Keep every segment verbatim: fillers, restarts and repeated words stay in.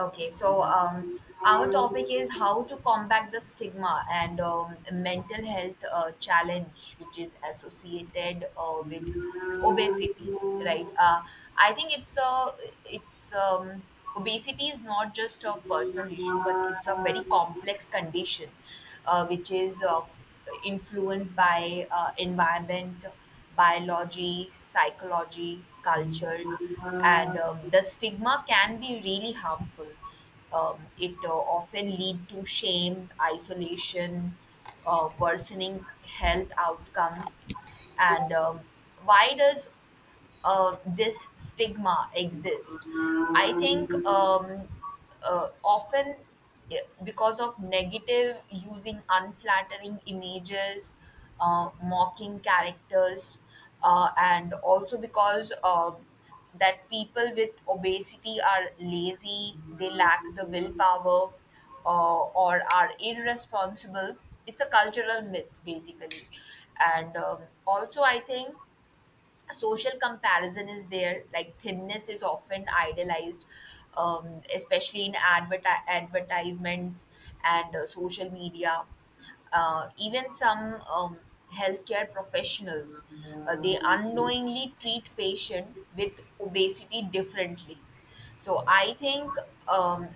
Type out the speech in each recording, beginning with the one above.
Okay, so um, our topic is how to combat the stigma and um, mental health uh, challenge which is associated uh, with obesity, right? Uh, I think it's a it's um, Obesity is not just a personal issue, but it's a very complex condition, uh, which is uh, influenced by uh, environment, biology, psychology, culture and um, the stigma can be really harmful. Um, it uh, often lead to shame, isolation, uh, worsening health outcomes, and um, why does uh, this stigma exists. I think um, uh, Often, eh, because of negative using unflattering images, uh, mocking characters, uh, and also because uh, that people with obesity are lazy, Thank they lack the you. willpower, uh, or are irresponsible. It's a cultural myth, basically. And um, also, I think social comparison is there, like thinness is often idealized, um, especially in adverti- advertisements and uh, social media. Uh, even some um, healthcare professionals, uh, they unknowingly treat patient with obesity differently, so i think um,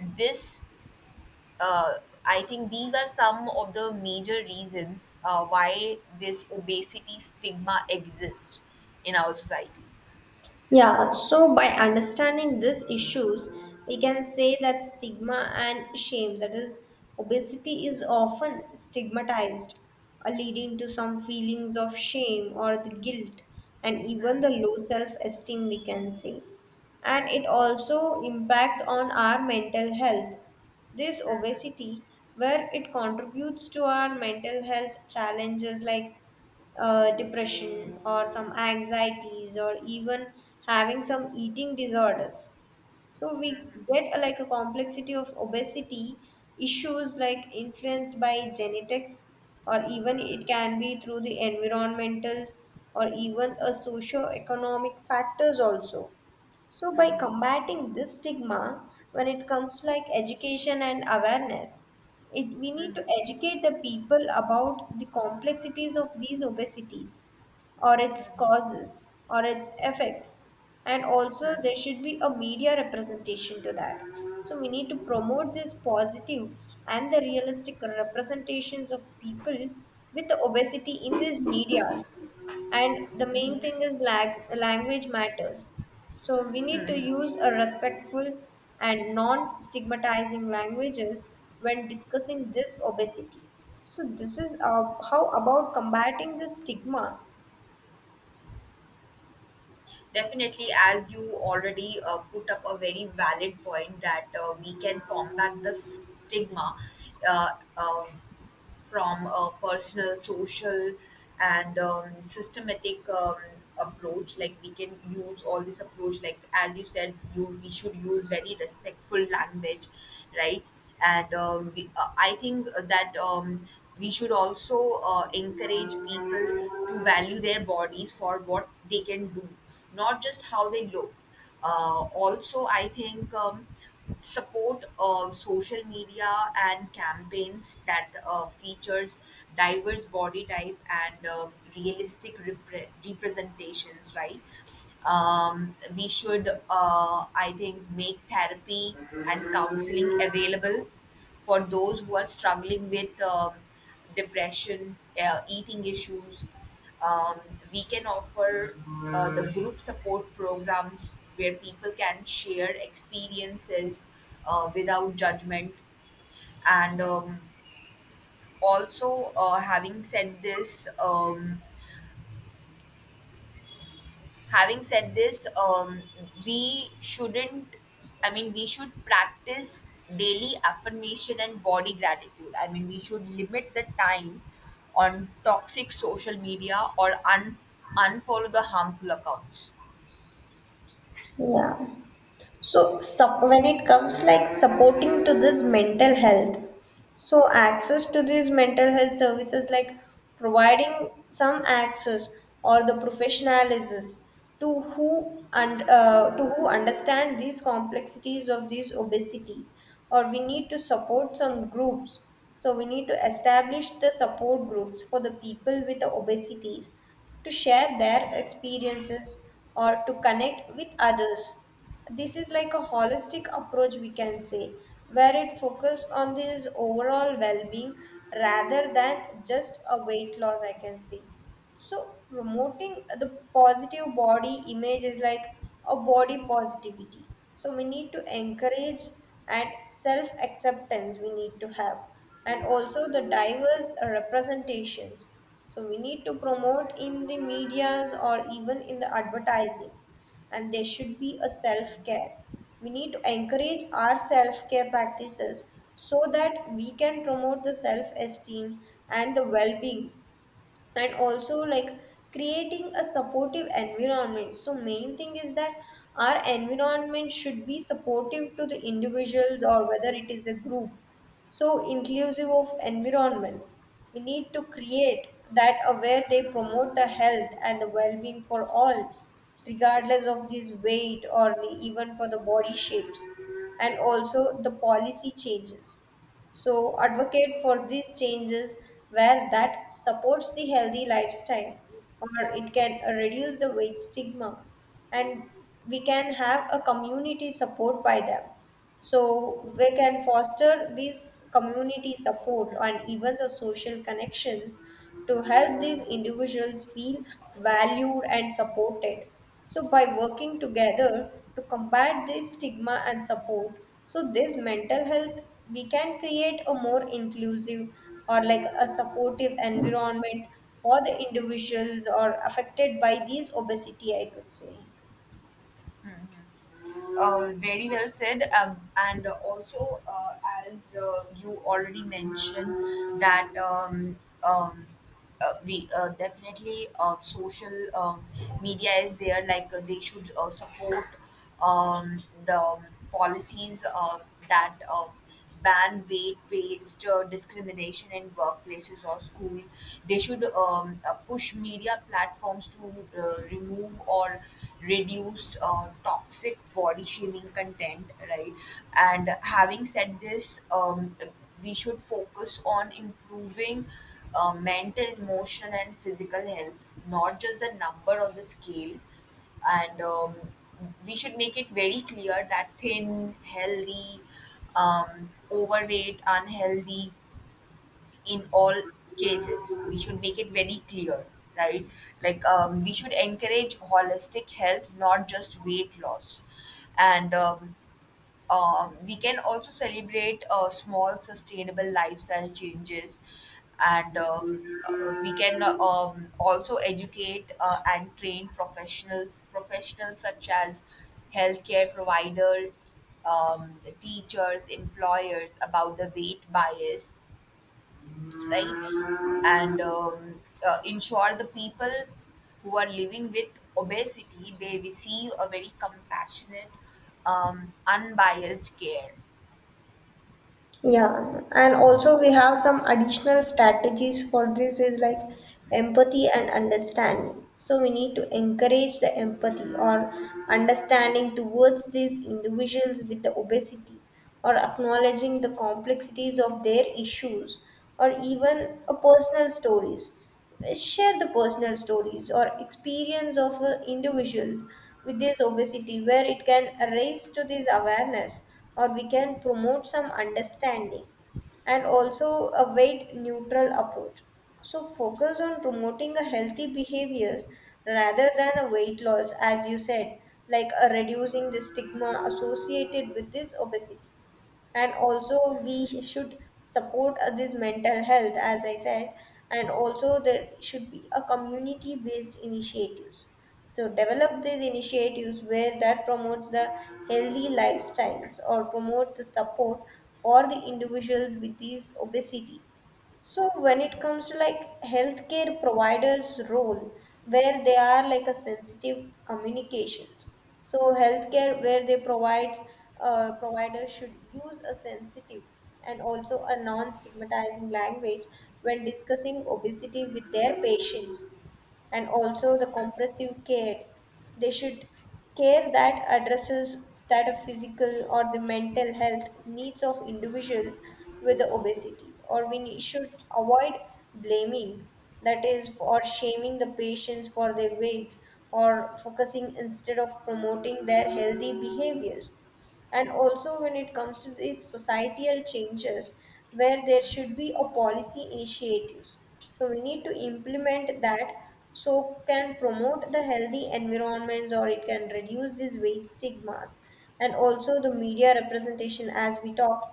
this uh, I think these are some of the major reasons uh, why this obesity stigma exists in our society. Yeah, so by understanding these issues, we can say that stigma and shame, that is, obesity is often stigmatized, uh, leading to some feelings of shame or the guilt, and even the low self esteem, we can say. And it also impacts on our mental health. This obesity, where it contributes to our mental health challenges like uh, depression or some anxieties or even having some eating disorders, so we get a, like a complexity of obesity issues like influenced by genetics, or even it can be through the environmental or even a socio-economic factors also. So by combating this stigma, when it comes to like education and awareness, it, we need to educate the people about the complexities of these obesities or its causes or its effects. And also there should be a media representation to that. So we need to promote this positive and the realistic representations of people with the obesity in these medias. And the main thing is lag- language matters, so we need to use a respectful and non-stigmatizing languages when discussing this obesity. So this is uh, how about combating the stigma. Definitely, as you already uh, put up a very valid point that uh, we can combat the stigma uh, um from a personal, social, and um, systematic um, approach. Like we can use all this approach. Like as you said, you we should use very respectful language, right? And um, we, uh, I think that um, we should also uh, encourage people to value their bodies for what they can do, not just how they look. Uh, also, I think um, support uh, social media and campaigns that uh, features diverse body type and um realistic repre- representations, right? Um, we should, uh, I think, make therapy and counseling available for those who are struggling with um, depression, uh, eating issues. Um, we can offer uh, the group support programs where people can share experiences uh, without judgment. And um, also, uh, having said this, um, having said this, um, we shouldn't, I mean, we should practice daily affirmation and body gratitude. I mean, we should limit the time on toxic social media or un- unfollow the harmful accounts. Yeah. so sup- when it comes like supporting to this mental health, so access to these mental health services like providing some access or the professionalism to who and uh, to who understand these complexities of these obesity, or we need to support some groups, so we need to establish the support groups for the people with the obesities to share their experiences or to connect with others. This is like a holistic approach, we can say, where it focuses on this overall well-being rather than just a weight loss, I can say. So promoting the positive body image is like a body positivity. So we need to encourage and self acceptance we need to have, and also the diverse uh, representations. So we need to promote in the medias or even in the advertising, and there should be a self care. We need to encourage our self care practices so that we can promote the self esteem and the well being. And also, like creating a supportive environment, so main thing is that our environment should be supportive to the individuals or whether it is a group. So inclusive of environments we need to create, that uh, where they promote the health and the well-being for all regardless of this weight or even for the body shapes. And also the policy changes, so, advocate for these changes where that supports the healthy lifestyle, or it can reduce the weight stigma, and we can have a community support by them. So we can foster these community support and even the social connections to help these individuals feel valued and supported. So by working together to combat this stigma and support, so this mental health, we can create a more inclusive or like a supportive environment for the individuals or affected by these obesity, I could say. Uh, very well said. Um, and also, uh, as uh, you already mentioned, that um, um, uh, we uh, definitely uh, social uh, media is there. Like uh, they should uh, support um, the policies uh, that. Uh, ban weight-based uh, discrimination in workplaces or school. They should um, uh, push media platforms to uh, remove or reduce uh, toxic body shaming content, right? And having said this, um, we should focus on improving uh, mental, emotional, and physical health, not just the number on the scale, and um, we should make it very clear that thin, healthy, um, overweight, unhealthy, in all cases, we should make it very clear, right? Like um, we should encourage holistic health, not just weight loss, and um, um, we can also celebrate uh, small sustainable lifestyle changes, and um, uh, we can uh, um, also educate uh, and train professionals professionals such as healthcare provider, um, teachers, employers, about the weight bias, right? And um, uh, ensure the people who are living with obesity they receive a very compassionate um, unbiased care. Yeah, and also we have some additional strategies for this is like empathy and understanding. So we need to encourage the empathy or understanding towards these individuals with the obesity, or acknowledging the complexities of their issues, or even a personal stories. Share the personal stories or experience of uh, individuals with this obesity, where it can raise to this awareness, or we can promote some understanding. And also a weight neutral approach, so focus on promoting a healthy behaviors rather than a weight loss, as you said, like uh, reducing the stigma associated with this obesity. And also we should support uh, this mental health, as I said. And also there should be a community based initiatives, so develop these initiatives where that promotes the healthy lifestyles or promote the support for the individuals with these obesity. So when it comes to like healthcare providers' role, where they are like a sensitive communications. So healthcare where they provide uh, providers should use a sensitive and also a non-stigmatizing language when discussing obesity with their patients. And also the comprehensive care, they should care that addresses that of physical or the mental health needs of individuals with the obesity, or we should avoid blaming, that is, or shaming the patients for their weight, or focusing instead of promoting their healthy behaviors. And also when it comes to these societal changes, where there should be a policy initiatives, so we need to implement that so can promote the healthy environments, or it can reduce these weight stigmas. And also the media representation, as we talked,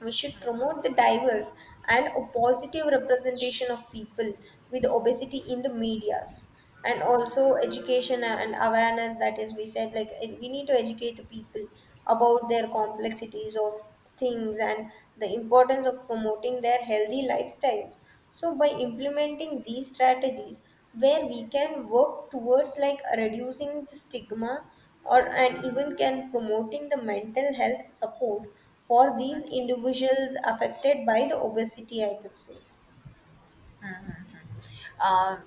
we should promote the diverse and a positive representation of people with obesity in the medias. And also education and awareness, that is, we said like eh, we need to educate the people about their complexities of things and the importance of promoting their healthy lifestyles. So by implementing these strategies, where we can work towards like reducing the stigma, or and even can promoting the mental health support for these individuals affected by the obesity, I could say. Um,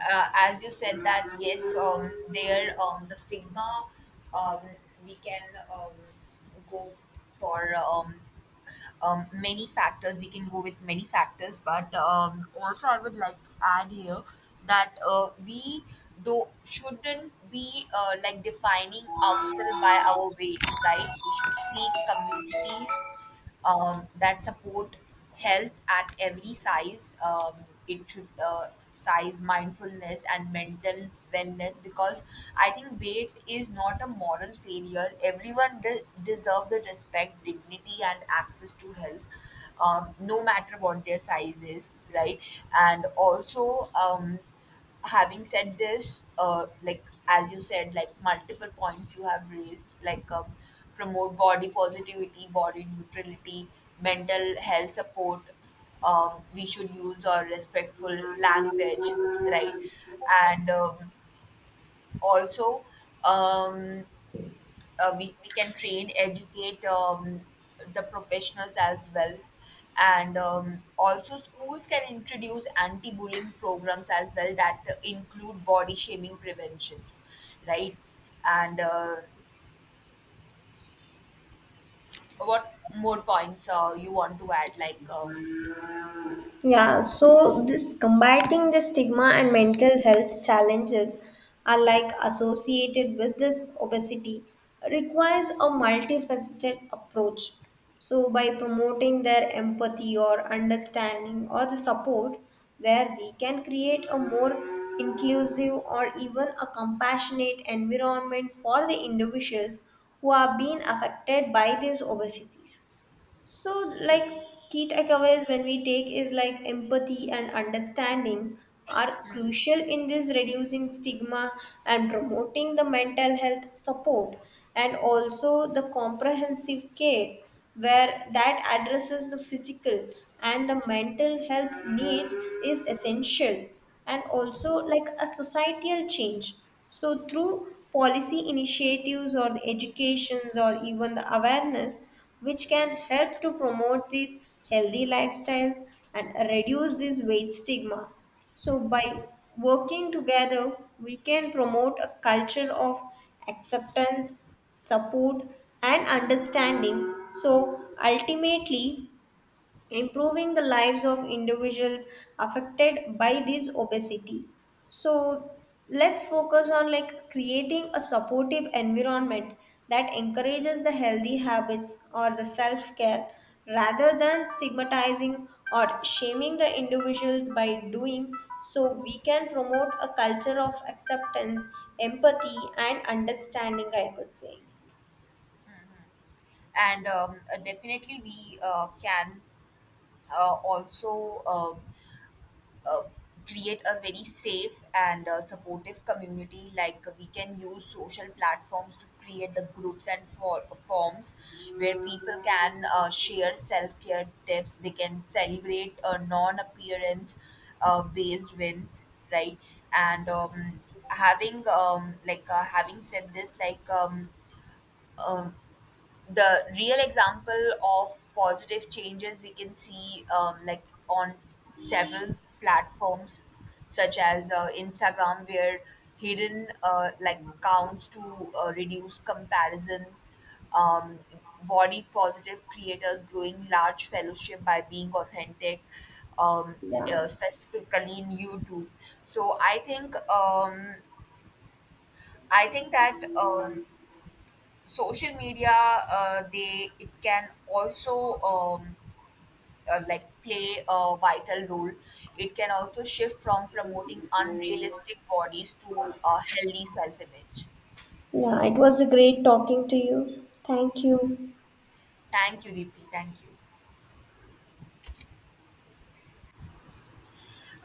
uh, as you said that yes, um, there um, the stigma, um, we can um, go for um, um, many factors. We can go with many factors, but um, also I would like to add here that uh, we do shouldn't be uh, like defining ourselves by our weight, right? We should seek communities um, that support health at every size. Um, it should uh, size mindfulness and mental wellness, because I think weight is not a moral failure. Everyone de- deserve the respect, dignity, and access to health. Um, no matter what their size is, right? And also, um, having said this, uh, like as you said, like multiple points you have raised, like um, promote body positivity, body neutrality, mental health support. Um, we should use our respectful language, right? And um, also, um, uh, we, we can train, educate um, the professionals as well, and um, also schools can introduce anti-bullying programs as well that include body shaming preventions, right? And uh, what more points uh, you want to add, like? um, Yeah, so this combating the stigma and mental health challenges are like associated with this obesity requires a multifaceted approach. So by promoting their empathy or understanding or the support, where we can create a more inclusive or even a compassionate environment for the individuals who are being affected by these obesities. So, like key takeaways when we take is like empathy and understanding are crucial in this reducing stigma and promoting the mental health support. And also the comprehensive care, where that addresses the physical and the mental health needs is essential. And also like a societal change, so through policy initiatives or the educations or even the awareness, which can help to promote these healthy lifestyles and reduce this weight stigma. So, by working together, we can promote a culture of acceptance, support, and understanding. So, ultimately, improving the lives of individuals affected by this obesity. So let's focus on like creating a supportive environment that encourages the healthy habits or the self care rather than stigmatizing or shaming the individuals by doing, so we can promote a culture of acceptance, empathy and understanding, I could say. And um, uh, definitely we uh, can uh, also um uh, create a very safe and uh, supportive community. Like we can use social platforms to create the groups and for- forms where people can uh, share self-care tips, they can celebrate uh, non-appearance uh, based wins, right? And um, having um, like uh, having said this like um, um, the real example of positive changes we can see, um, like on several platforms such as uh, Instagram, where hidden uh, like counts to uh, reduce comparison, um, body positive creators growing large fellowship by being authentic, um, yeah uh, specifically in YouTube. So i think um, i think that um, social media, uh, they it can also um, uh, like play a vital role. It can also shift from promoting unrealistic bodies to a healthy self image. yeah It was a great talking to you. Thank you. Thank you, Deepthi. Thank you.